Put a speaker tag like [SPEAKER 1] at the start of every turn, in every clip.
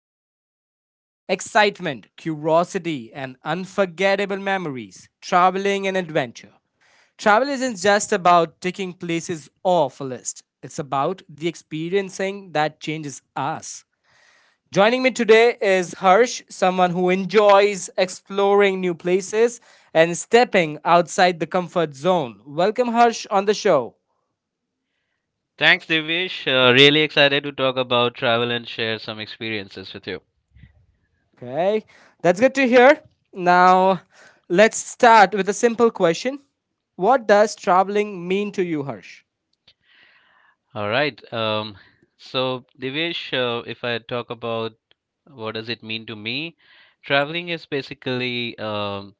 [SPEAKER 1] topic that brings excitement, curiosity, and unforgettable memories, traveling and adventure. Travel isn't just about ticking places off a list, it's about the experiencing that changes us. Joining me today is Harsh, someone who enjoys exploring new places and stepping outside the comfort zone. Welcome, Harsh, on the show.
[SPEAKER 2] Thanks, Divish. Really excited to talk about travel and share some experiences with you.
[SPEAKER 1] Okay, that's good to hear. Now, let's start with a simple question. What does traveling mean to you, Harsh?
[SPEAKER 2] All right. So, Divish, if I talk about what does it mean to me, traveling is basically,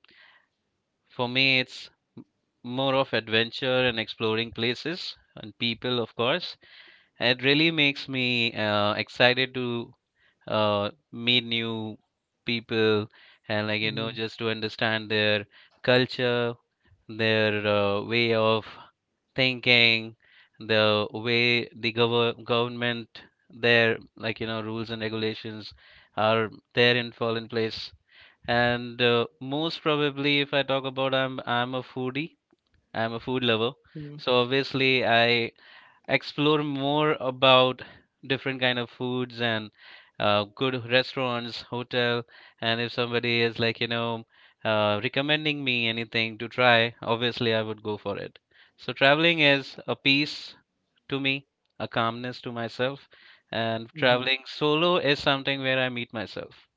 [SPEAKER 2] for me, it's m- more of adventure and exploring places and people, of course. It really makes me excited to meet new people and like you know
[SPEAKER 1] Mhm.
[SPEAKER 2] just to understand their culture, their way of thinking, the way the government, their like you know rules and regulations are there and fall in place. And most probably, if I talk about, I'm a foodie, I'm a food lover, so obviously I explore more about different kind of foods and good restaurants, hotel, and if somebody is like, you know, recommending me anything to try, obviously I would go for it. So traveling is a peace to me, a calmness to myself, and traveling solo is something where I meet myself.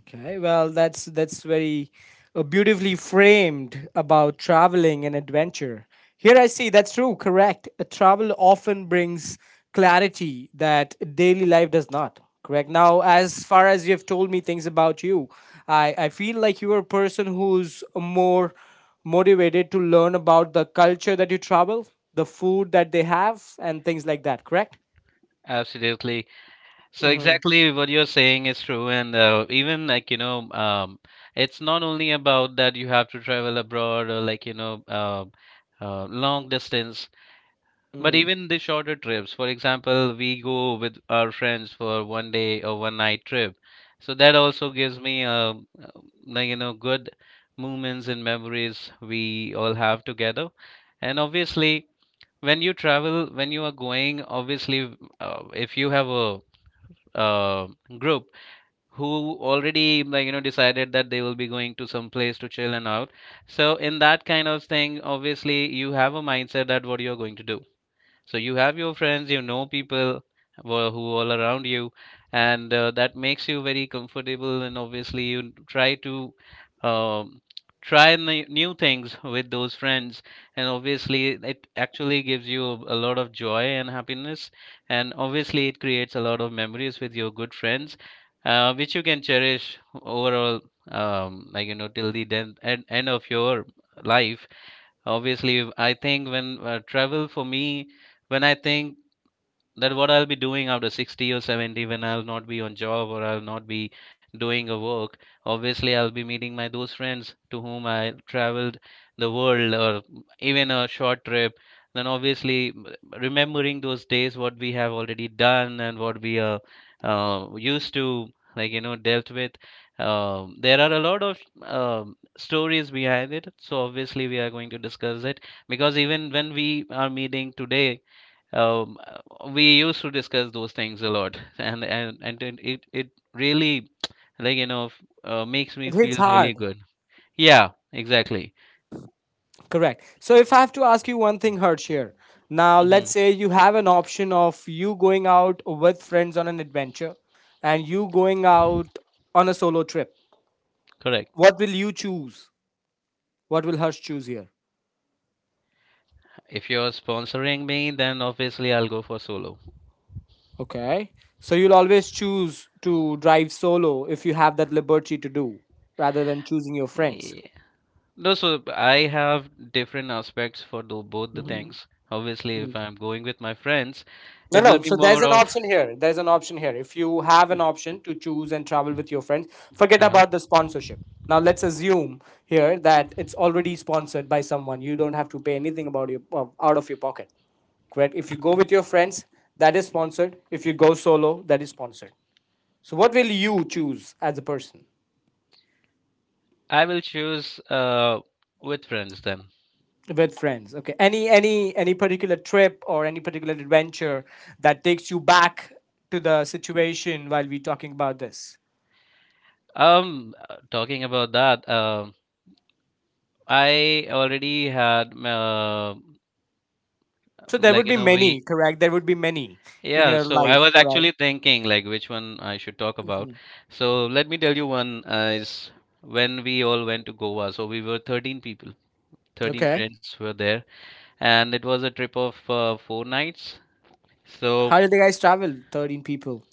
[SPEAKER 1] Okay, well, that's very beautifully framed about traveling and adventure. Here I see that's true, correct. Travel often brings clarity that daily life does not. Correct. Now, as far as you've told me things about you, I feel like you're a person who's more motivated to learn about the culture that you travel, the food that they have, and things like that, correct?
[SPEAKER 2] Absolutely. So
[SPEAKER 1] Mm-hmm.
[SPEAKER 2] exactly what you're saying is true, and even like you know, it's not only about that you have to travel abroad or like you know, long distance, but
[SPEAKER 1] Mm-hmm.
[SPEAKER 2] even the shorter trips. For example, we go with our friends for one day or one night trip, so that also gives me like you know, good moments and memories we all have together, and obviously. When you travel, when you are going, obviously, if you have a uh, group who already like you know decided that they will be going to some place to chill and out, so in that kind of thing obviously you have a mindset that what you're going to do, so you have your friends, you know, people who are, who all around you. And that makes you very comfortable, and obviously you try to um, try new things with those friends, and obviously it actually gives you a lot of joy and happiness, and obviously it creates a lot of memories with your good friends, which you can cherish overall, like you know, till the end of your life. Obviously, I think when travel for me, when I think that what I'll be doing after 60 or 70, when I'll not be on job or I'll not be doing a work. Obviously, I'll be meeting my those friends to whom I traveled the world or even a short trip. Then obviously, remembering those days, what we have already done and what we are used to, like you know, dealt with. There are a lot of stories behind it, so obviously we are going to discuss it, because even when we are meeting today, we used to discuss those things a lot and then it really like you know makes
[SPEAKER 1] It
[SPEAKER 2] me
[SPEAKER 1] hits
[SPEAKER 2] feel really
[SPEAKER 1] hard.
[SPEAKER 2] good. Yeah, exactly.
[SPEAKER 1] Correct. So if I have to ask you one thing, Harsh here. Now
[SPEAKER 2] Hmm.
[SPEAKER 1] let's say you have an option of you going out with friends on an adventure and you going out on a solo trip.
[SPEAKER 2] Correct.
[SPEAKER 1] What will you choose? What will Harsh choose here?
[SPEAKER 2] If you're sponsoring me, then obviously I'll go for solo.
[SPEAKER 1] Okay. So you'll always choose to drive solo if you have that liberty to do rather than choosing your friends.
[SPEAKER 2] Yeah. No, so I have different aspects for both the things. Obviously, if I'm going with my friends,
[SPEAKER 1] No,
[SPEAKER 2] it will
[SPEAKER 1] no.
[SPEAKER 2] be
[SPEAKER 1] So there's
[SPEAKER 2] more
[SPEAKER 1] an
[SPEAKER 2] of
[SPEAKER 1] option here. There's an option here. If you have an option to choose and travel with your friends, forget
[SPEAKER 2] uh.
[SPEAKER 1] about the sponsorship. Now let's assume here that it's already sponsored by someone. You don't have to pay anything about your out of your pocket. Correct. If you go with your friends, that is sponsored. If you go solo, that is sponsored. So what will you choose as a person
[SPEAKER 2] I will choose with friends then.
[SPEAKER 1] with friends? Okay. Any particular trip or any particular adventure that takes you back to the situation while we talking about this?
[SPEAKER 2] Talking about that, I already had
[SPEAKER 1] So there
[SPEAKER 2] like,
[SPEAKER 1] would
[SPEAKER 2] you
[SPEAKER 1] be
[SPEAKER 2] know,
[SPEAKER 1] many,
[SPEAKER 2] we.
[SPEAKER 1] correct? There would be many in
[SPEAKER 2] Yeah,
[SPEAKER 1] your
[SPEAKER 2] so I
[SPEAKER 1] life,
[SPEAKER 2] was
[SPEAKER 1] correct?
[SPEAKER 2] actually thinking like which one I should talk
[SPEAKER 1] Hmm.
[SPEAKER 2] about. So let me tell you one is when we all went to Goa. So we were 13 people, 13
[SPEAKER 1] Okay.
[SPEAKER 2] friends were there, and it was a trip of 4 nights. So
[SPEAKER 1] How did the guys travel? 13 people.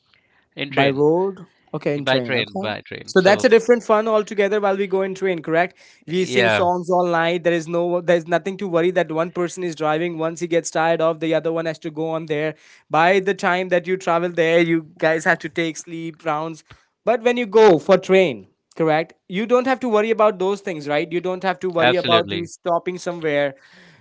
[SPEAKER 2] in
[SPEAKER 1] By
[SPEAKER 2] train.
[SPEAKER 1] road? Okay, in
[SPEAKER 2] by
[SPEAKER 1] train.
[SPEAKER 2] train,
[SPEAKER 1] Okay.
[SPEAKER 2] by train.
[SPEAKER 1] So that's
[SPEAKER 2] So
[SPEAKER 1] a different fun altogether while we go in train, correct? We sing
[SPEAKER 2] yeah,
[SPEAKER 1] songs all night. There is no there's nothing to worry that one person is driving. Once he gets tired off, the other one has to go on there. By the time that you travel there, you guys have to take sleep rounds. But when you go for train, correct? You don't have to worry about those things, right? You don't have to worry about you
[SPEAKER 2] absolutely.
[SPEAKER 1] stopping somewhere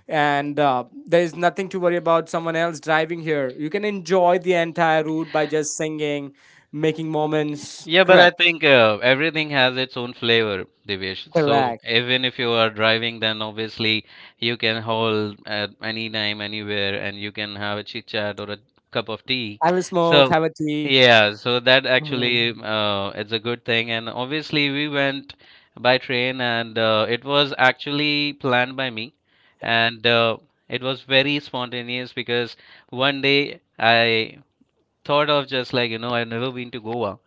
[SPEAKER 1] and there is nothing to worry about someone else driving here. You can enjoy the entire route by just singing, making moments.
[SPEAKER 2] Yeah, but I
[SPEAKER 1] Correct,
[SPEAKER 2] think everything has its own flavor, Divesh. So
[SPEAKER 1] correct.
[SPEAKER 2] even if you are driving, then obviously you can hold at any time, anywhere, and you can have a chit chat or a cup of tea.
[SPEAKER 1] Have a smoke,
[SPEAKER 2] So
[SPEAKER 1] have a tea.
[SPEAKER 2] yeah, so that actually
[SPEAKER 1] Mhm.
[SPEAKER 2] it's a good thing. And obviously we went by train, and it was actually planned by me, and it was very spontaneous because one day I thought of just like you know I've never been to Goa,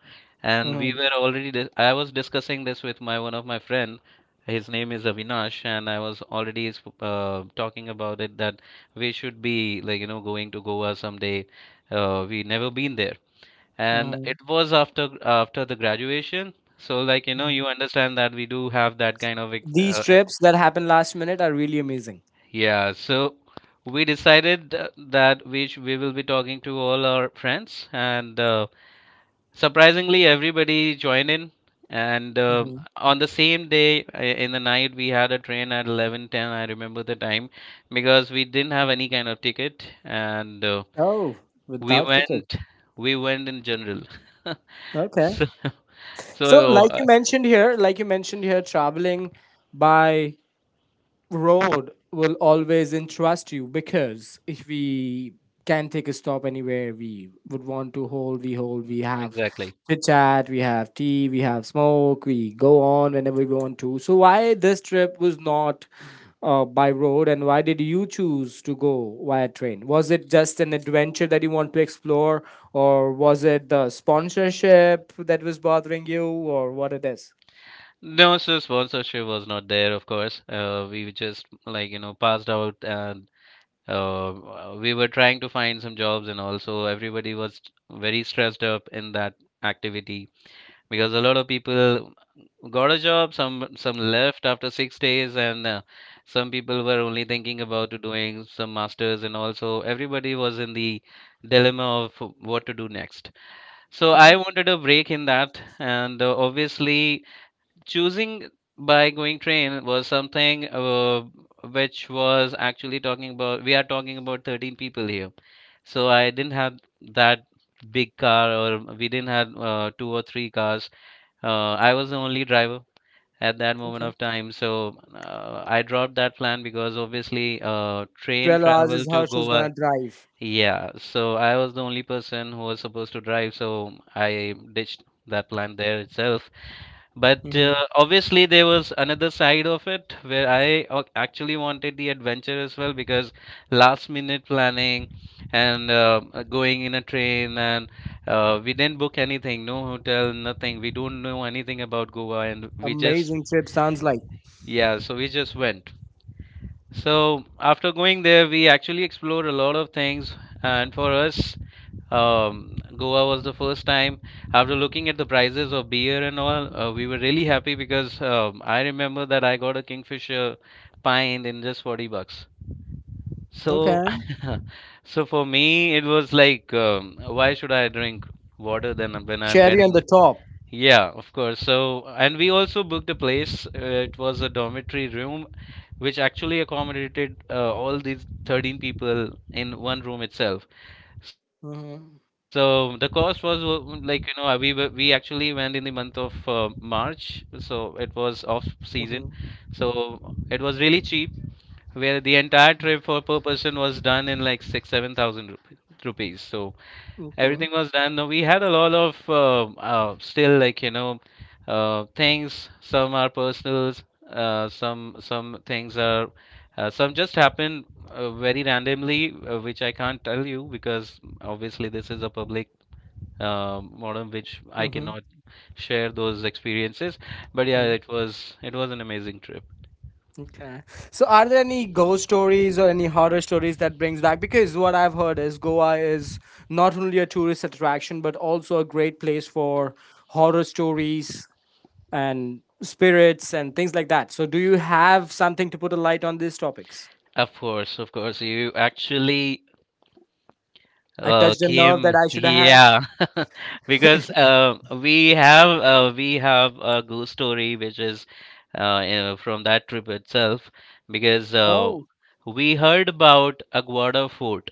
[SPEAKER 2] and we
[SPEAKER 1] Mhm.
[SPEAKER 2] were already I was discussing this with my one of my friend. His name is Avinash, and I was already talking about it that we should be like you know going to Goa someday. We never been there, and
[SPEAKER 1] Mhm.
[SPEAKER 2] it was after the graduation. So like you know
[SPEAKER 1] Mhm.
[SPEAKER 2] you understand that we do have that kind of
[SPEAKER 1] These trips that happen last minute are really amazing.
[SPEAKER 2] yeah. So we decided that we will be talking to all our friends. And surprisingly everybody joined in, and
[SPEAKER 1] Mhm.
[SPEAKER 2] on the same day in the night, we had a train at 11:10. I remember the time because we didn't have any kind of ticket, and
[SPEAKER 1] Oh,
[SPEAKER 2] we
[SPEAKER 1] without ticket.
[SPEAKER 2] went, we went in general.
[SPEAKER 1] Okay.
[SPEAKER 2] so,
[SPEAKER 1] So,
[SPEAKER 2] so
[SPEAKER 1] like
[SPEAKER 2] uh,
[SPEAKER 1] you mentioned here, like you mentioned here, traveling by road will always interest you because if we can take a stop anywhere we would want to hold, we have
[SPEAKER 2] exactly.
[SPEAKER 1] chit chat, we have tea, we have smoke, we go on whenever we want to. So why this trip was not by road, and why did you choose to go via train? Was it just an adventure that you want to explore, or was it the sponsorship that was bothering you, or what it is?
[SPEAKER 2] No, so sponsorship was not there, of course. We were just like you know passed out, and uh, we were trying to find some jobs, and also everybody was very stressed up in that activity because a lot of people got a job, some left after 6 days, and some people were only thinking about to doing some masters, and also everybody was in the dilemma of what to do next. So
[SPEAKER 1] Okay.
[SPEAKER 2] I wanted a break in that, and obviously choosing by going train was something which was actually talking about, we are talking about 13 people here, so I didn't have that big car, or we didn't have two or three cars. I was the only driver at that moment
[SPEAKER 1] Okay.
[SPEAKER 2] of time, so I dropped that plan because obviously train
[SPEAKER 1] 12 hours
[SPEAKER 2] travel
[SPEAKER 1] is
[SPEAKER 2] to
[SPEAKER 1] how she was gonna
[SPEAKER 2] Goa.
[SPEAKER 1] drive.
[SPEAKER 2] Yeah, so I was the only person who was supposed to drive, so I ditched that plan there itself. But
[SPEAKER 1] Mm-hmm.
[SPEAKER 2] obviously, there was another side of it where I actually wanted the adventure as well, because last minute planning and going in a train, and we didn't book anything, no hotel, nothing. We don't know anything about Goa, and we just,
[SPEAKER 1] Amazing trip sounds like.
[SPEAKER 2] yeah, so we just went. So after going there, we actually explored a lot of things, and for us, Goa was the first time. After looking at the prices of beer and all, we were really happy because I remember that I got a Kingfisher pint in just 40 bucks.
[SPEAKER 1] Okay.
[SPEAKER 2] So, so for me, it was like, why should I drink water then when I'm
[SPEAKER 1] Cherry on the
[SPEAKER 2] getting
[SPEAKER 1] top.
[SPEAKER 2] yeah, of course. So, and we also booked a place. It was a dormitory room, which actually accommodated all these 13 people in one room itself. So the
[SPEAKER 1] Mm-hmm.
[SPEAKER 2] cost was like you know we actually went in the month of March, so it was off season, so it was really cheap, where the entire trip
[SPEAKER 1] Mm-hmm.
[SPEAKER 2] for per person was done in like 6 7,000 rupees. So everything
[SPEAKER 1] Okay.
[SPEAKER 2] was done. No, we had a lot of still like you know things. Some are personals. Some things are some just happen very randomly, which I can't tell you because obviously this is a public modem, which I
[SPEAKER 1] Mm-hmm.
[SPEAKER 2] cannot share those experiences. But yeah, it was an amazing trip.
[SPEAKER 1] Okay. So, are there any ghost stories or any horror stories that brings back? Because what I've heard is Goa is not only a tourist attraction but also a great place for horror stories and spirits and things like that. So, do you have something to put a light on these topics?
[SPEAKER 2] Of course, you actually
[SPEAKER 1] I
[SPEAKER 2] uh,
[SPEAKER 1] touched a nerve
[SPEAKER 2] Kim,
[SPEAKER 1] that I should have had.
[SPEAKER 2] yeah, because we have a ghost story which is you know, from that trip itself, because
[SPEAKER 1] Oh,
[SPEAKER 2] we heard about Aguada Fort,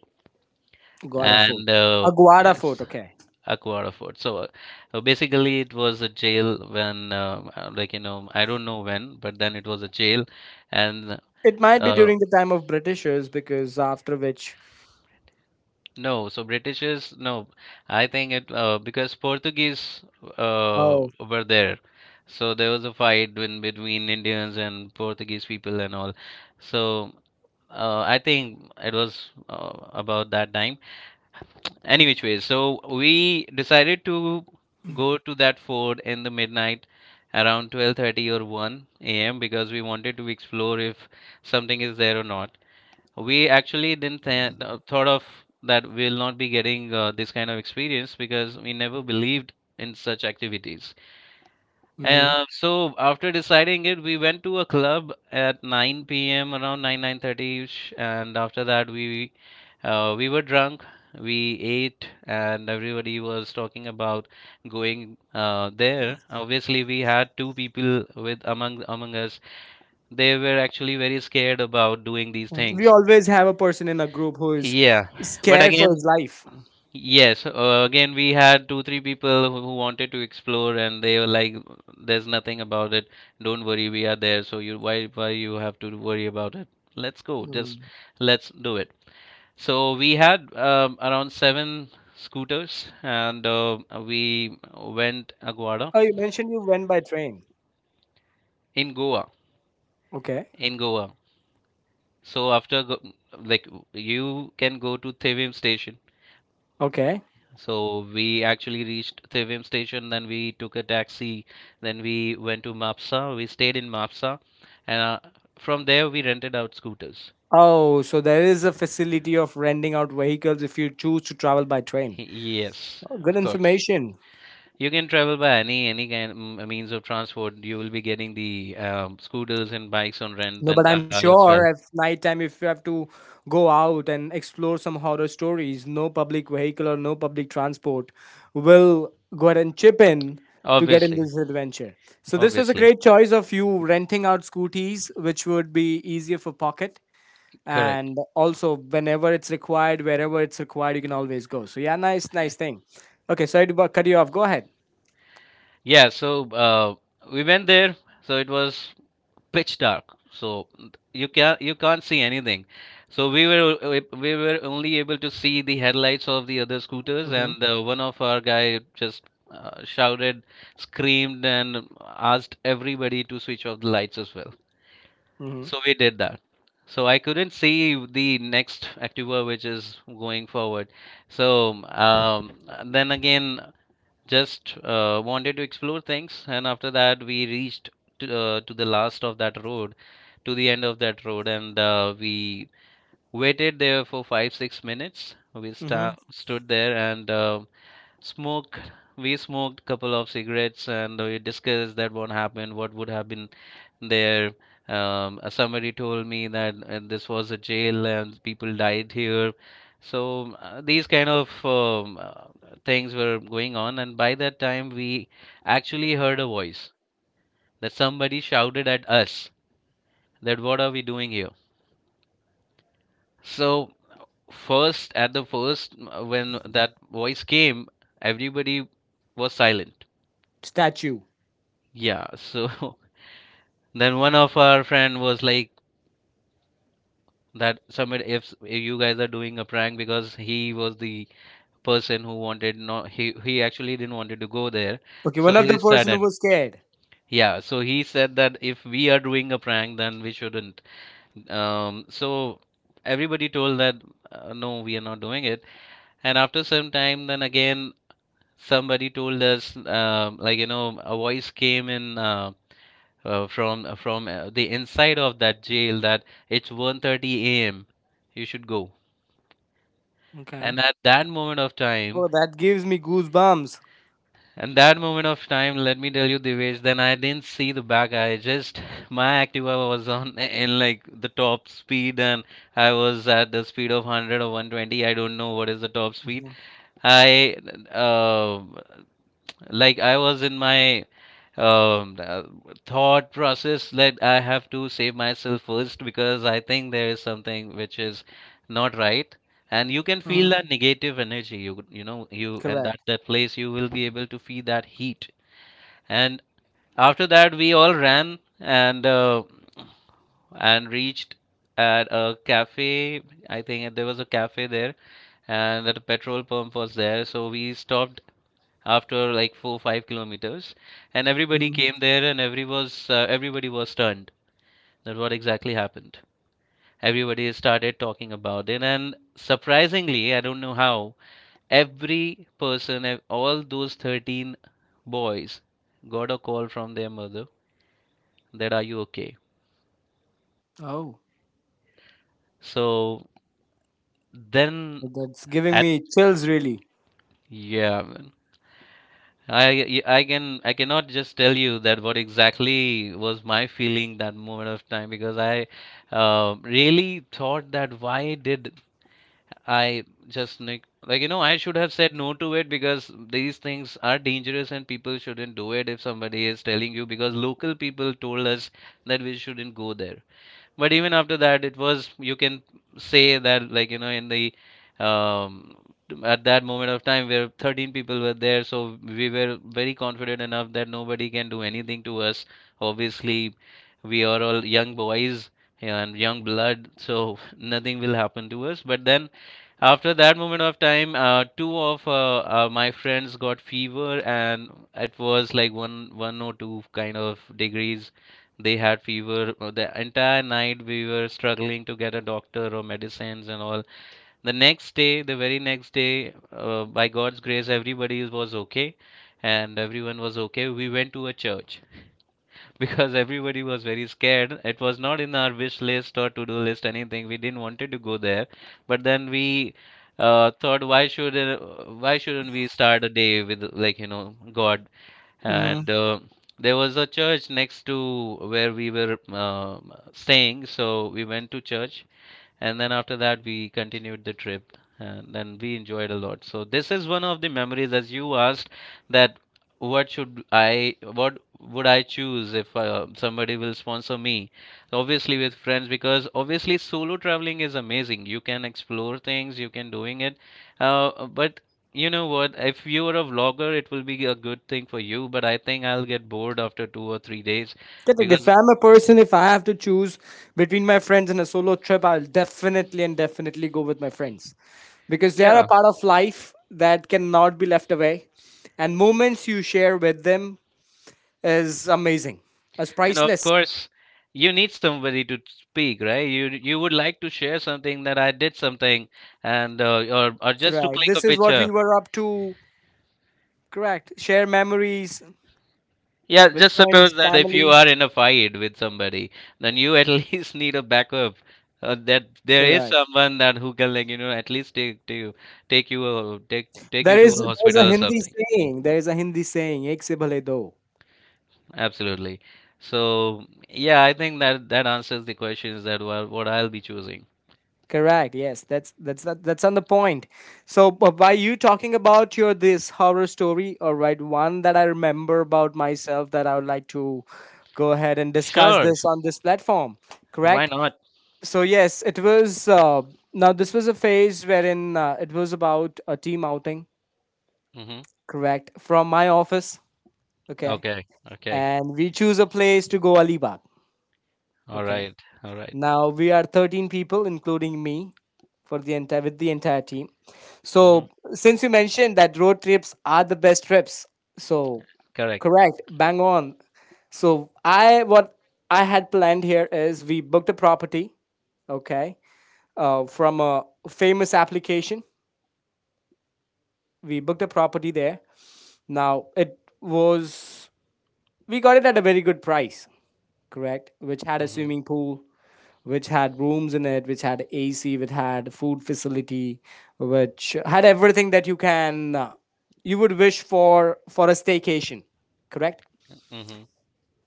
[SPEAKER 1] Guada fort.
[SPEAKER 2] and
[SPEAKER 1] A Guada
[SPEAKER 2] yes,
[SPEAKER 1] fort. Okay.
[SPEAKER 2] Aguada Fort. So basically, it was a jail when like you know, I don't know when, but then it was a jail, and
[SPEAKER 1] It might be
[SPEAKER 2] uh.
[SPEAKER 1] during the time of Britishers, because after which,
[SPEAKER 2] No, so British is no. I think it because Portuguese
[SPEAKER 1] oh,
[SPEAKER 2] were there, so there was a fight in between Indians and Portuguese people and all. So I think it was about that time. Any which way, so we decided to go to that fort in the midnight, around 12:30 or 1 a.m., because we wanted to explore if something is there or not. We actually didn't thought of that we'll not be getting this kind of experience because we never believed in such activities.
[SPEAKER 1] hmm
[SPEAKER 2] So after deciding it, we went to a club at 9 p.m., around 9 9:30 ish, and after that we were drunk. We ate, and everybody was talking about going there. Obviously, we had two people with among us. They were actually very scared about doing these
[SPEAKER 1] we
[SPEAKER 2] things.
[SPEAKER 1] always have a person in a group who is
[SPEAKER 2] Yeah, but
[SPEAKER 1] scared for
[SPEAKER 2] again,
[SPEAKER 1] his life.
[SPEAKER 2] yes, again we had 2 3 people who wanted to explore, and they were like, "There's nothing about it. Don't worry, we are there. So you why you have to worry about it? Let's go. Just
[SPEAKER 1] Mhm.
[SPEAKER 2] let's do it." So we had around 7 scooters, and we went Aguada
[SPEAKER 1] Oh, you mentioned you went by train.
[SPEAKER 2] in Goa.
[SPEAKER 1] Okay.
[SPEAKER 2] In Goa. So after go, like you can go to Thevim station.
[SPEAKER 1] Okay.
[SPEAKER 2] So we actually reached Tivim station, then we took a taxi, then we went to Mapsa. We stayed in Mapsa, and from there we rented out scooters.
[SPEAKER 1] Oh, so there is a facility of renting out vehicles if you choose to travel by train.
[SPEAKER 2] Yes,
[SPEAKER 1] Oh, good
[SPEAKER 2] of course.
[SPEAKER 1] information.
[SPEAKER 2] You can travel by any means of transport. You will be getting the scooters and bikes on rent,
[SPEAKER 1] No,
[SPEAKER 2] and
[SPEAKER 1] but I'm
[SPEAKER 2] car as well.
[SPEAKER 1] sure at night time, if you have to go out and explore some horror stories, no public vehicle or no public transport will go ahead and chip in to get in
[SPEAKER 2] Obviously,
[SPEAKER 1] this adventure. So this was a
[SPEAKER 2] obviously,
[SPEAKER 1] great choice of you renting out scooties, which would be easier for pocket.
[SPEAKER 2] correct.
[SPEAKER 1] And also, whenever it's required, wherever it's required, you can always go. So yeah, nice,
[SPEAKER 2] Yeah.
[SPEAKER 1] nice thing. Okay, sorry to cut you off. Go ahead.
[SPEAKER 2] Yeah, so we went there. So it was pitch dark, so you can't see anything, so we we were only able to see the headlights of the other scooters,
[SPEAKER 1] Mm-hmm.
[SPEAKER 2] and one of our guy just shouted, screamed, and asked everybody to switch off the lights as well,
[SPEAKER 1] Mm-hmm.
[SPEAKER 2] so we did that, so I couldn't see the next Activa which is going forward. So um, then again just wanted to explore things, and after that we reached to the last of that road, to the end of that road. And we waited there for 5-6 minutes, we
[SPEAKER 1] Mm-hmm.
[SPEAKER 2] stood there and smoked we smoked couple of cigarettes, and we discussed that what happened, what would have been there. Somebody told me that this was a jail and people died here. So these kind of things were going on, and by that time we actually heard a voice, that somebody shouted at us, that what are we doing here? So at the first, when that voice came, everybody was silent.
[SPEAKER 1] Statue.
[SPEAKER 2] Yeah, so then one of our friend was like, that somebody, if you guys are doing a prank, because he was the person who wanted, no, he actually didn't wanted to go there.
[SPEAKER 1] Okay,
[SPEAKER 2] So
[SPEAKER 1] one of
[SPEAKER 2] he
[SPEAKER 1] the
[SPEAKER 2] said
[SPEAKER 1] person who
[SPEAKER 2] it,
[SPEAKER 1] was scared.
[SPEAKER 2] yeah, so he said that if we are doing a prank then we shouldn't, so everybody told that no, we are not doing it. And after some time, then again somebody told us, like a voice came in from the inside of that jail, that it's 1:30 a.m., you should go.
[SPEAKER 1] Okay.
[SPEAKER 2] And at that moment of
[SPEAKER 1] Oh,
[SPEAKER 2] time,
[SPEAKER 1] that gives me goosebumps.
[SPEAKER 2] and that moment of time, let me tell you, Divesh, then I didn't see the back. I just, my Activa was on in like the top speed, and I was at the speed of 100 or 120. I don't know what is the top speed.
[SPEAKER 1] Mhm.
[SPEAKER 2] I, uh, like, I was in my Um, uh, thought process, like I have to save myself first, because I think there is something which is not right, and you can feel
[SPEAKER 1] Mhm.
[SPEAKER 2] that negative energy. You know you, and
[SPEAKER 1] Correct.
[SPEAKER 2] that that place, you will be able to feel that heat. And after that, we all ran and reached at a cafe. I think there was a cafe there, and that a petrol pump was there. So we stopped after like 4 5 kilometers, and everybody
[SPEAKER 1] Mhm.
[SPEAKER 2] came there, and everybody was stunned that what exactly happened. Everybody started talking about it, and surprisingly I don't know how every person all those 13 boys got a call from their mother, that are you okay?
[SPEAKER 1] Oh.
[SPEAKER 2] So then
[SPEAKER 1] That's giving
[SPEAKER 2] at
[SPEAKER 1] me chills, really.
[SPEAKER 2] yeah, I cannot just tell you that what exactly was my feeling that moment of time, because I really thought that why did I just like I should have said no to it, because these things are dangerous and people shouldn't do it if somebody is telling you, because local people told us that we shouldn't go there. But even after that, it was, you can say that, like in the um, at that moment of time, where 13 people were there, so we were very confident enough that nobody can do anything to us, obviously. We are all young boys and young blood, so nothing will happen to us. But then after that moment of time, two of my friends got fever, and it was like one or two kind of degrees. They had fever. The entire night we were struggling to get a doctor or medicines and all. The next day, the very next day, by God's grace, everybody was okay, and everyone was okay. We went to a church because everybody was very scared. It was not in our wish list or to do list, anything. We didn't wanted to go there, but then we thought, why shouldn't we start a day with, like God?
[SPEAKER 1] Mm-hmm.
[SPEAKER 2] And there was a church next to where we were staying, so we went to church. And then after that we continued the trip, and then we enjoyed a lot. So this is one of the memories, as you asked, that what would I choose if somebody will sponsor me. Obviously, with friends, because obviously solo traveling is amazing, you can explore things, you can doing it, but you know what, if you are a vlogger it will be a good thing for you, but I think I'll get bored after 2 or 3 days,
[SPEAKER 1] If
[SPEAKER 2] because...
[SPEAKER 1] I'm a person, if I have to choose between my friends and a solo trip, I'll definitely and definitely go with my friends because they are a
[SPEAKER 2] Yeah.
[SPEAKER 1] part of life that cannot be left away, and moments you share with them is amazing, as
[SPEAKER 2] And of
[SPEAKER 1] priceless.
[SPEAKER 2] course, you need somebody to speak, right? You would like to share something, that I did something, and or just to
[SPEAKER 1] Correct.
[SPEAKER 2] click a
[SPEAKER 1] This is what we
[SPEAKER 2] picture.
[SPEAKER 1] were up to. Correct. Share memories
[SPEAKER 2] Yeah,
[SPEAKER 1] with
[SPEAKER 2] just
[SPEAKER 1] friends,
[SPEAKER 2] suppose that if you
[SPEAKER 1] family.
[SPEAKER 2] are in a fight with somebody, then you at least need a backup. That there is
[SPEAKER 1] Correct.
[SPEAKER 2] someone that who can, like at least take to you take take
[SPEAKER 1] There
[SPEAKER 2] you to
[SPEAKER 1] is,
[SPEAKER 2] a
[SPEAKER 1] there's a
[SPEAKER 2] hospital or
[SPEAKER 1] Hindi
[SPEAKER 2] something.
[SPEAKER 1] saying. There is a Hindi saying, "Ek se bhale do."
[SPEAKER 2] Absolutely. So yeah, I think that that answers the questions, that what I'll be choosing.
[SPEAKER 1] Correct. Yes, that's on the point. So, but by you talking about your this horror story, all right, one that I remember about myself that I would like to go ahead and discuss
[SPEAKER 2] Sure,
[SPEAKER 1] this on this platform.
[SPEAKER 2] why
[SPEAKER 1] Correct.
[SPEAKER 2] not?
[SPEAKER 1] So yes, it was. Now this was a phase wherein it was about a team outing.
[SPEAKER 2] Mm-hmm.
[SPEAKER 1] Correct. From my office. Okay,
[SPEAKER 2] Okay, okay.
[SPEAKER 1] and we choose a place to go Alibag.
[SPEAKER 2] All
[SPEAKER 1] Okay.
[SPEAKER 2] right, all right.
[SPEAKER 1] Now we are 13 people, including me, for the entire, with the entire team.
[SPEAKER 2] Mm-hmm.
[SPEAKER 1] So since you mentioned that road trips are the best trips, so
[SPEAKER 2] Correct.
[SPEAKER 1] correct, bang on. So I, what I had planned here is we booked a property. Okay, from a famous application. We booked a property there. Now it was, we got it at a very good price, correct, which had a
[SPEAKER 2] Mm-hmm.
[SPEAKER 1] swimming pool, which had rooms in it, which had AC, which had food facility, which had everything that you can you would wish for a staycation, correct.
[SPEAKER 2] Mm-hmm.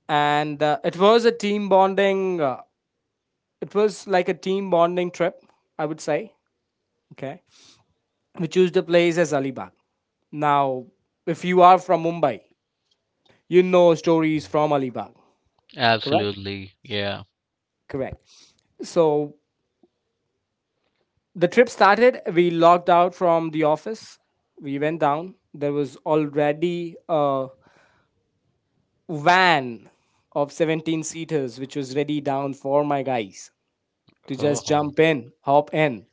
[SPEAKER 1] And it was a team bonding, trip I would say. Okay, we choose the place as Alibag. Now, if you are from Mumbai, you know stories from Alibag, correct,
[SPEAKER 2] Absolutely. Yeah.
[SPEAKER 1] correct. So the trip started. We logged out from the office. We went down. There was already a van of 17 seaters which was ready down for my guys to
[SPEAKER 2] Oh.
[SPEAKER 1] just jump in, hop in,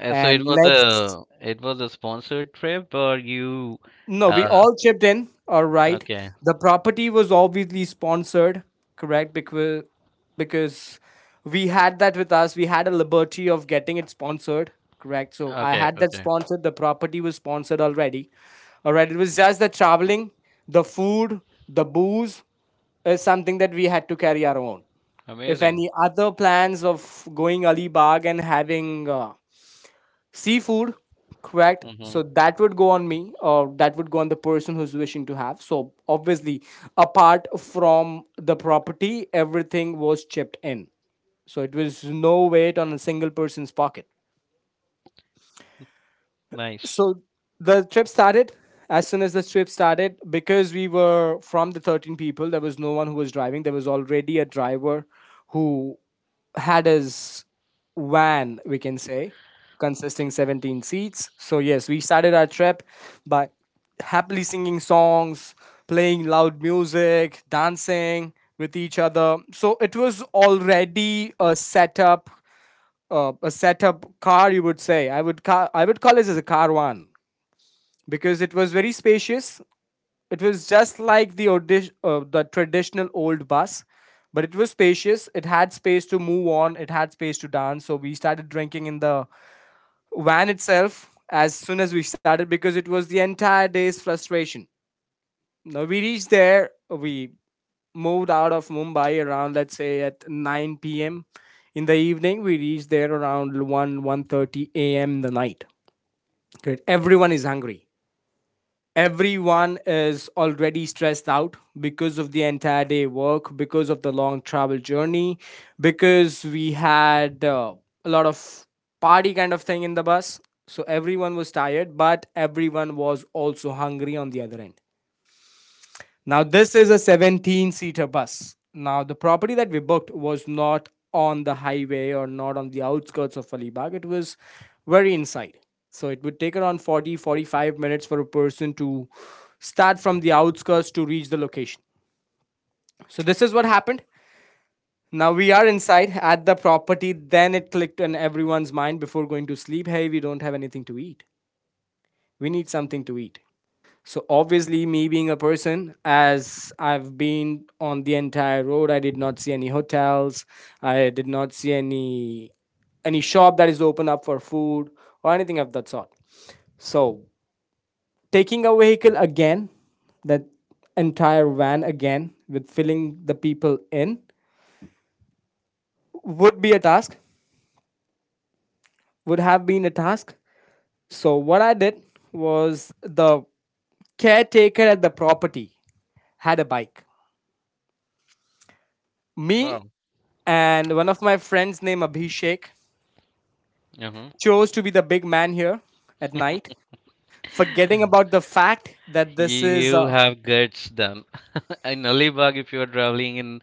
[SPEAKER 2] So
[SPEAKER 1] and
[SPEAKER 2] it was
[SPEAKER 1] let's,
[SPEAKER 2] a it was a sponsored trip, or you.
[SPEAKER 1] no, we
[SPEAKER 2] uh
[SPEAKER 1] all chipped in. All right.
[SPEAKER 2] okay.
[SPEAKER 1] The property was obviously sponsored, correct? Because we had that with us. We had a liberty of getting it sponsored, correct? So I
[SPEAKER 2] Okay,
[SPEAKER 1] had that
[SPEAKER 2] okay.
[SPEAKER 1] sponsored. The property was sponsored already. All right. It was just the traveling, the food, the booze is something that we had to carry our own. If
[SPEAKER 2] Amazing.
[SPEAKER 1] any other plans of going Alibag and having seafood, correct.
[SPEAKER 2] Mm-hmm.
[SPEAKER 1] So that would go on me, or that would go on the person who's wishing to have. So obviously, apart from the property, everything was chipped in. So it was no weight on a single person's pocket.
[SPEAKER 2] Nice.
[SPEAKER 1] So the trip started. As soon as the trip started, because we were from the 13 people, there was no one who was driving. There was already a driver who had his van, we can say, consisting 17 seats. So, yes, we started our trip by happily singing songs, playing loud music, dancing with each other. So, it was already a setup car, you would say. I would call it as a car one because it was very spacious. It was just like the traditional old bus, but it was spacious. It had space to move on. It had space to dance. So we started drinking in the van itself as soon as we started because it was the entire day's frustration. Now we reached there. We moved out of Mumbai around, let's say, at 9 p.m. in the evening. We reached there around 1 1:30 a.m. the night. Okay, everyone is hungry. Everyone is already stressed out because of the entire day work, because of the long travel journey, because we had a lot of party kind of thing in the bus. So everyone was tired, but everyone was also hungry on the other end. Now, this is a 17 seater bus. Now, the property that we booked was not on the highway or not on the outskirts of Alibag, it was very inside. So, it would take around 40 to 45 minutes for a person to start from the outskirts to reach the location. So, this is what happened. Now we are inside at the property. Then it clicked in everyone's mind before going to sleep. Hey, we don't have anything to eat. We need something to eat. So obviously, me being a person, as I've been on the entire road, I did not see any hotels. I did not see any shop that is open up for food or anything of that sort. So taking a vehicle again, that entire van again with filling the people in would be a task. Would have been a task. So what I did was the caretaker at the property had a bike. Me
[SPEAKER 2] Wow.
[SPEAKER 1] and one of my friends named Abhishek
[SPEAKER 2] Mm-hmm.
[SPEAKER 1] chose to be the big man here at night, forgetting about the fact that this is
[SPEAKER 2] You have guts then. In Alibag, if you are traveling in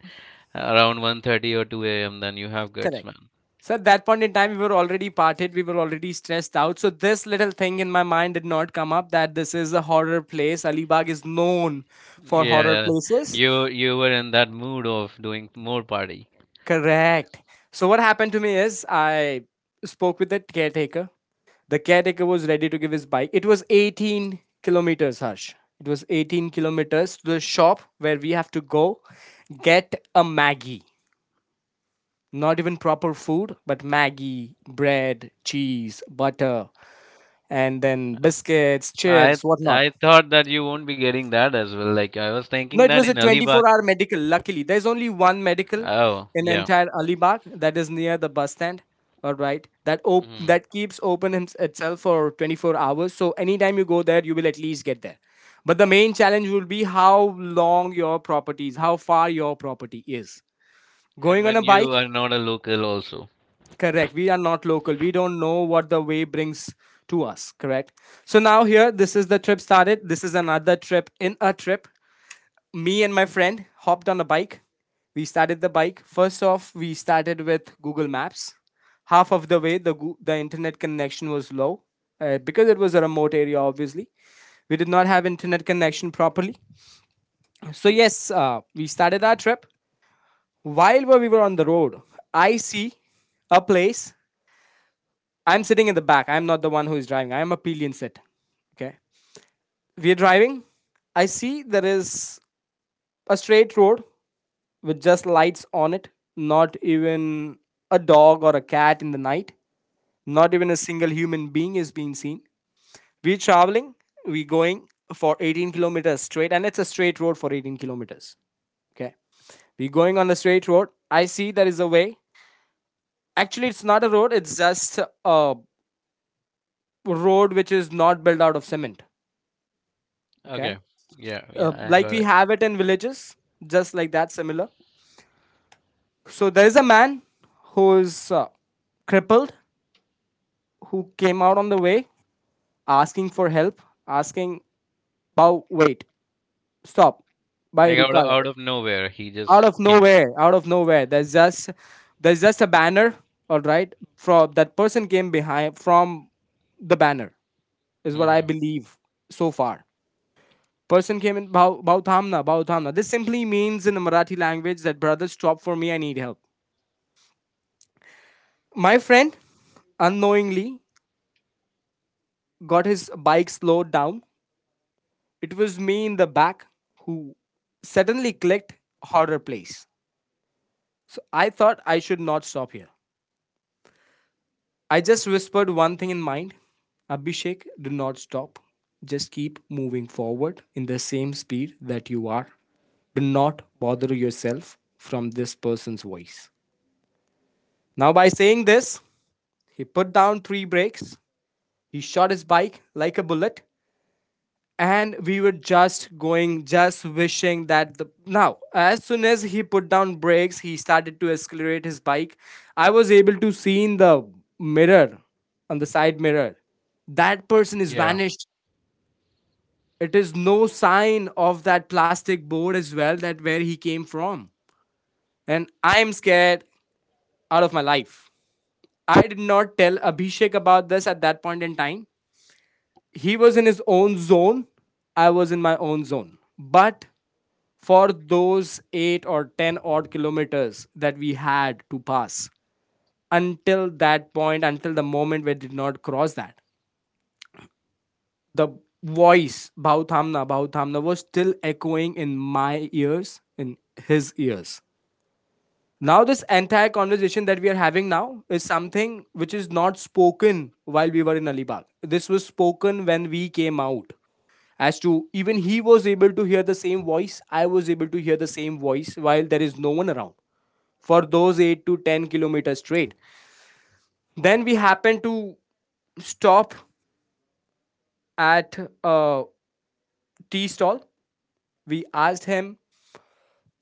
[SPEAKER 2] around 1:30 or 2 a.m., then you have guts,
[SPEAKER 1] correct.
[SPEAKER 2] man.
[SPEAKER 1] So at that point in time, we were already parted, we were already stressed out. So this little thing in my mind did not come up that this is a horror place. Alibag is known for
[SPEAKER 2] Yeah,
[SPEAKER 1] horror
[SPEAKER 2] yeah.
[SPEAKER 1] places.
[SPEAKER 2] You were in that mood of doing more party.
[SPEAKER 1] Correct. So what happened to me is I spoke with the caretaker. The caretaker was ready to give his bike. It was 18 kilometers, Harsh. It was 18 kilometers to the shop where we have to go get a Maggie. Not even proper food, but Maggie, bread, cheese, butter, and then biscuits,
[SPEAKER 2] I
[SPEAKER 1] chips, whatnot.
[SPEAKER 2] I thought that you won't be getting that as well, like I was
[SPEAKER 1] No,
[SPEAKER 2] thinking
[SPEAKER 1] it was
[SPEAKER 2] that
[SPEAKER 1] a
[SPEAKER 2] in Alibag.
[SPEAKER 1] 24-hour medical. Luckily, there's only one medical
[SPEAKER 2] Oh,
[SPEAKER 1] in
[SPEAKER 2] yeah.
[SPEAKER 1] entire Alibag that is near the bus stand. All right,
[SPEAKER 2] Hmm.
[SPEAKER 1] that keeps open itself for 24 hours. So anytime you go there, you will at least get there. But the main challenge will be how long your property is, how far your property is.
[SPEAKER 2] And
[SPEAKER 1] Going on a
[SPEAKER 2] when you
[SPEAKER 1] bike,
[SPEAKER 2] are not a local also.
[SPEAKER 1] correct. We are not local. We don't know what the way brings to us, correct? So now here, this is the trip started. This is another trip in a trip. Me and my friend hopped on a bike. We started the bike. First off, we started with Google Maps. Half of the way, the internet connection was low because it was a remote area. Obviously, we did not have internet connection properly. So yes, we started our trip. While we were on the road, I see a place. I'm sitting in the back. I'm not the one who is driving. I am a pillion sit. Okay, we're driving. I see there is a straight road with just lights on it, not even a dog or a cat in the night, not even a single human being is being seen. We're traveling, we're going for 18 kilometers straight, and it's a straight road for 18 kilometers. Okay. We're going on the straight road. I see there is a way. Actually, it's not a road, it's just a road which is not built out of cement.
[SPEAKER 2] Okay.
[SPEAKER 1] Okay.
[SPEAKER 2] Yeah, yeah, I
[SPEAKER 1] Like
[SPEAKER 2] got
[SPEAKER 1] we
[SPEAKER 2] it.
[SPEAKER 1] have it in villages, just like that, similar. So there is a man who is crippled, who came out on the way asking for help, asking, Bow, wait, stop, by
[SPEAKER 2] Like out of,
[SPEAKER 1] Ruka.
[SPEAKER 2] out of nowhere, he just came.
[SPEAKER 1] Out of nowhere, there's just a banner, all right. From that person came behind from the banner, is what I
[SPEAKER 2] Hmm.
[SPEAKER 1] believe so far. Person came in Bhau Bhau Thamna, Bhau Thamna. This simply means in the Marathi language that brother stop for me, I need help. My friend unknowingly got his bike slowed down. It was me in the back who suddenly clicked horror place. So I thought I should not stop here. I just whispered one thing in mind, Abhishek, do not stop. Just keep moving forward in the same speed that you are. Do not bother yourself from this person's voice. Now, by saying this, he put down three brakes, he shot his bike like a bullet, and we were just going, just wishing that the now as soon as he put down brakes he started to accelerate his bike. I was able to see in the mirror, on the side mirror, that person is
[SPEAKER 2] Yeah.
[SPEAKER 1] vanished. It is no sign of that plastic board as well, that where he came from, and I am scared out of my life. I did not tell Abhishek about this at that point in time. He was in his own zone, I was in my own zone, but for those 8 or 10 odd kilometers that we had to pass, until that point, until the moment we did not cross that, the voice bhauthamna bhauthamna was still echoing in my ears, in his ears. Now this entire conversation that we are having now is something which is not spoken while we were in Alibag. This was spoken when we came out, as to even he was able to hear the same voice, I was able to hear the same voice while there is no one around, for those 8 to 10 kilometers straight. Then we happened to stop at a tea stall. We asked him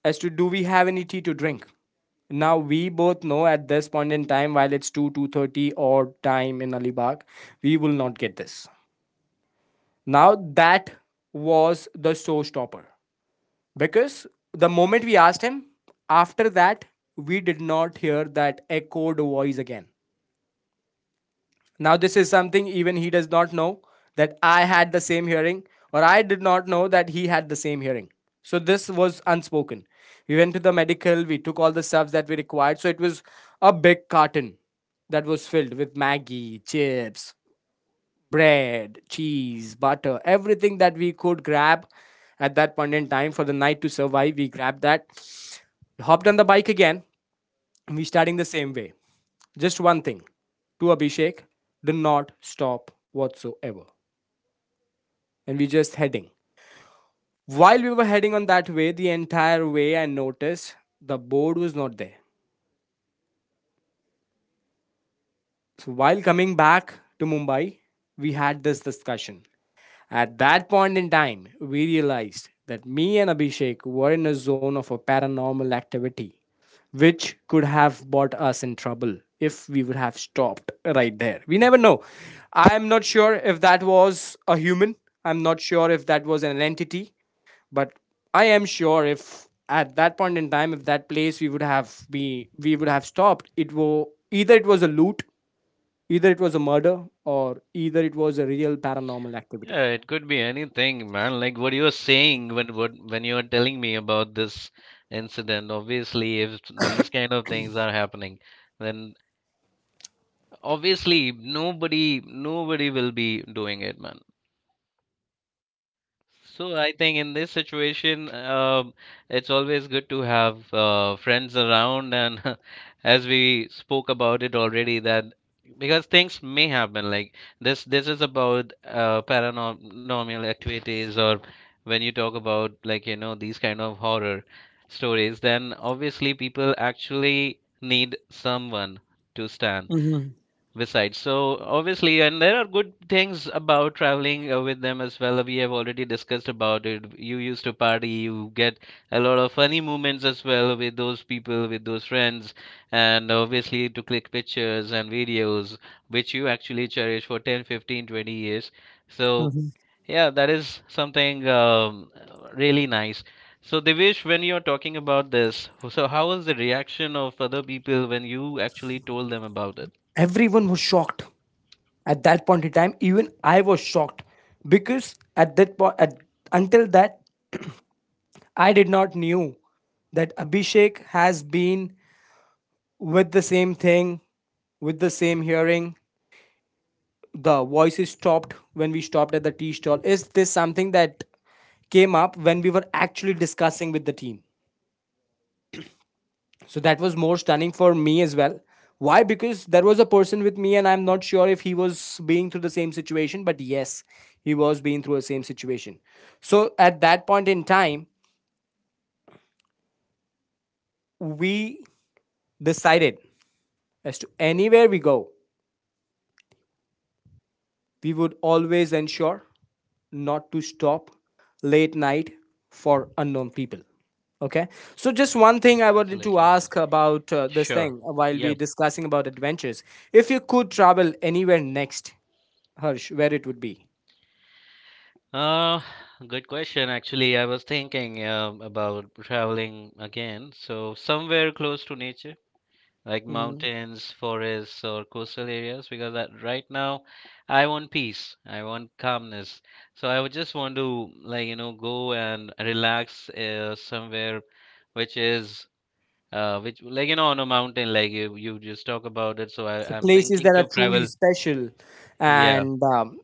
[SPEAKER 1] as to do we have any tea to drink. Now we both know at this point in time, while it's 2 2:30 or time in Alibag, we will not get this. Now that was the showstopper because the moment we asked him, after that we did not hear that echoed voice again. Now, this is something even he does not know, that I had the same hearing, or I did not know that he had the same hearing. So, this was unspoken. We went to the medical, we took all the stuffs that we required. So, it was a big carton that was filled with Maggie, chips, bread, cheese, butter, everything that we could grab at that point in time for the night to survive. We grabbed that, hopped on the bike again, and we starting the same way. Just one thing to Abhishek, do not stop whatsoever. And we just heading. While we were heading on that way, the entire way I noticed the board was not there. So while coming back to Mumbai, we had this discussion. At that point in time, we realized that me and Abhishek were in a zone of a paranormal activity, which could have brought us in trouble if we would have stopped right there. We never know. I am not sure if that was a human. I'm not sure if that was an entity, but I am sure if at that point in time, if that place we would have be we would have stopped, it was either it was a loot, either it was a murder, or either it was a real paranormal
[SPEAKER 2] Yeah,
[SPEAKER 1] activity.
[SPEAKER 2] it could be anything, man. Like what you were saying when you were telling me about this incident. Obviously, if these kind of things are happening, then obviously nobody will be doing it, man. So I think in this situation, it's always good to have friends around, and as we spoke about it already, that because things may happen, like this is about paranormal activities, or when you talk about, like these kind of horror stories, then obviously people actually need someone to stand besides. So obviously, and there are good things about traveling with them as well. We have already discussed about it. You used to party, you get a lot of funny moments as well with those people, with those friends, and obviously to click pictures and videos, which you actually cherish for 10, 15, 20 years. So,
[SPEAKER 1] Mhm.
[SPEAKER 2] yeah, that is something really nice. So, Devesh, when you're talking about this, so how was the reaction of other people when you actually told them about it?
[SPEAKER 1] Everyone was shocked. At that point in time even I was shocked, because at that point at, until that, I did not knew that Abhishek has been with the same thing, with the same hearing, the voices stopped when we stopped at the tea stall is this something that came up when we were actually discussing with the team. So that was more stunning for me as well. Why? Because there was a person with me, and I'm not sure if he was being through the same situation, but yes, he was being through the same situation. So at that point in time, we decided as to anywhere we go, we would always ensure not to stop late night for unknown people. Okay. So, just one thing I wanted to
[SPEAKER 2] Absolutely.
[SPEAKER 1] ask about this
[SPEAKER 2] Sure.
[SPEAKER 1] thing while
[SPEAKER 2] Yeah.
[SPEAKER 1] we discussing about adventures. If you could travel anywhere next, Harsh, where it would be.
[SPEAKER 2] Uh, Good question. Actually, I was thinking about traveling again. So somewhere close to nature, like
[SPEAKER 1] Hmm.
[SPEAKER 2] mountains, forests, or coastal areas, because that right now I want peace. I want calmness. So I would just want to, like go and relax somewhere which is uh which, like on a mountain, like you just talk about it. So
[SPEAKER 1] So,
[SPEAKER 2] I'm
[SPEAKER 1] places
[SPEAKER 2] thinking
[SPEAKER 1] that are
[SPEAKER 2] to
[SPEAKER 1] truly
[SPEAKER 2] travel.
[SPEAKER 1] special
[SPEAKER 2] Yeah.
[SPEAKER 1] and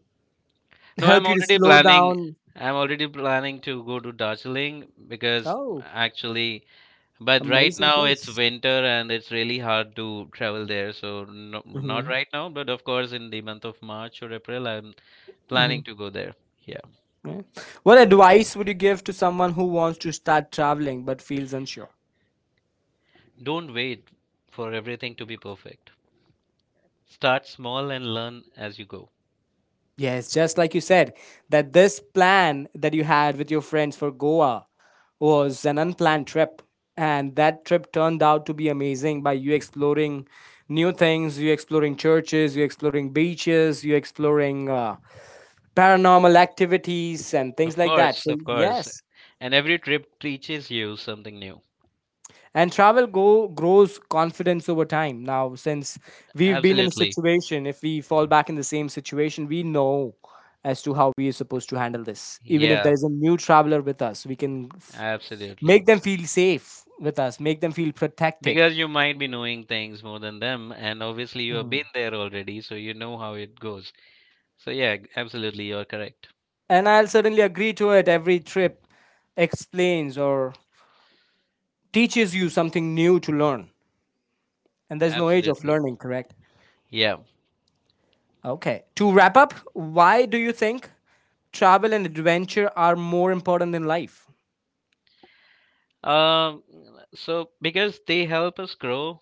[SPEAKER 2] No, I'm
[SPEAKER 1] help you to
[SPEAKER 2] already
[SPEAKER 1] slow
[SPEAKER 2] planning.
[SPEAKER 1] down.
[SPEAKER 2] I'm already planning to go to Darjeeling, because
[SPEAKER 1] Oh,
[SPEAKER 2] actually, but right
[SPEAKER 1] amazing
[SPEAKER 2] now it's
[SPEAKER 1] place.
[SPEAKER 2] winter and it's really hard to travel there. So no,
[SPEAKER 1] Hmm.
[SPEAKER 2] not right now, but of course in the month of March or April, I'm planning to go there. Yeah.
[SPEAKER 1] Yeah. What advice would you give to someone who wants to start traveling but feels unsure?
[SPEAKER 2] Don't wait for everything to be perfect. Start small and learn as you go.
[SPEAKER 1] Yes, just like you said, that this plan that you had with your friends for Goa was an unplanned trip. And that trip turned out to be amazing by you exploring new things, you exploring churches, you exploring beaches, you exploring paranormal activities and things
[SPEAKER 2] Of
[SPEAKER 1] like that.
[SPEAKER 2] course,
[SPEAKER 1] So,
[SPEAKER 2] of course.
[SPEAKER 1] yes,
[SPEAKER 2] And every trip teaches you something new.
[SPEAKER 1] and travel go grows confidence over time. Now since we've been in a
[SPEAKER 2] Absolutely.
[SPEAKER 1] situation, if we fall back in the same situation we know as to how we are supposed to handle this. Even if there
[SPEAKER 2] Yeah,
[SPEAKER 1] is a new traveler with us, we can
[SPEAKER 2] absolutely.
[SPEAKER 1] make them feel safe with us, make them feel protected.
[SPEAKER 2] Because you might be knowing things more than them, and obviously you have been there already, so you know how it goes. So yeah, absolutely, you're correct.
[SPEAKER 1] And I'll certainly agree to it, every trip explains or teaches you something new to learn, and there's no age of
[SPEAKER 2] Absolutely.
[SPEAKER 1] learning, correct?
[SPEAKER 2] Yeah.
[SPEAKER 1] Okay. To wrap up, why do you think travel and adventure are more important in life?
[SPEAKER 2] Um, so because they help us grow,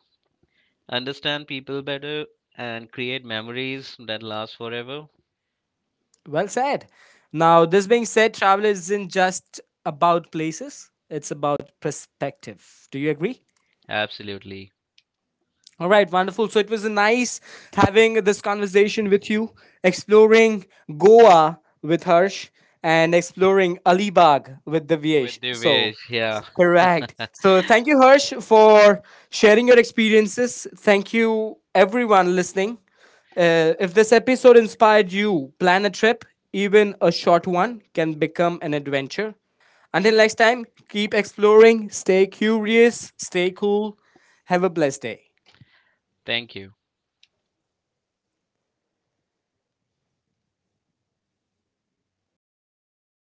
[SPEAKER 2] understand people better, and create memories that last forever.
[SPEAKER 1] Well said. Now, this being said, travel isn't just about places, it's about perspective. Do you agree?
[SPEAKER 2] Absolutely.
[SPEAKER 1] All right, wonderful. So it was nice having this conversation with you, exploring Goa with Harsh and exploring Alibag with Divyesh.
[SPEAKER 2] With the
[SPEAKER 1] So,
[SPEAKER 2] wish, yeah.
[SPEAKER 1] correct. So, thank you, Harsh, for sharing your experiences. Thank you, everyone listening. If this episode inspired you, plan a trip, even a short one can become an adventure. Until next time, keep exploring, stay curious, stay cool. Have a blessed day.
[SPEAKER 2] Thank you.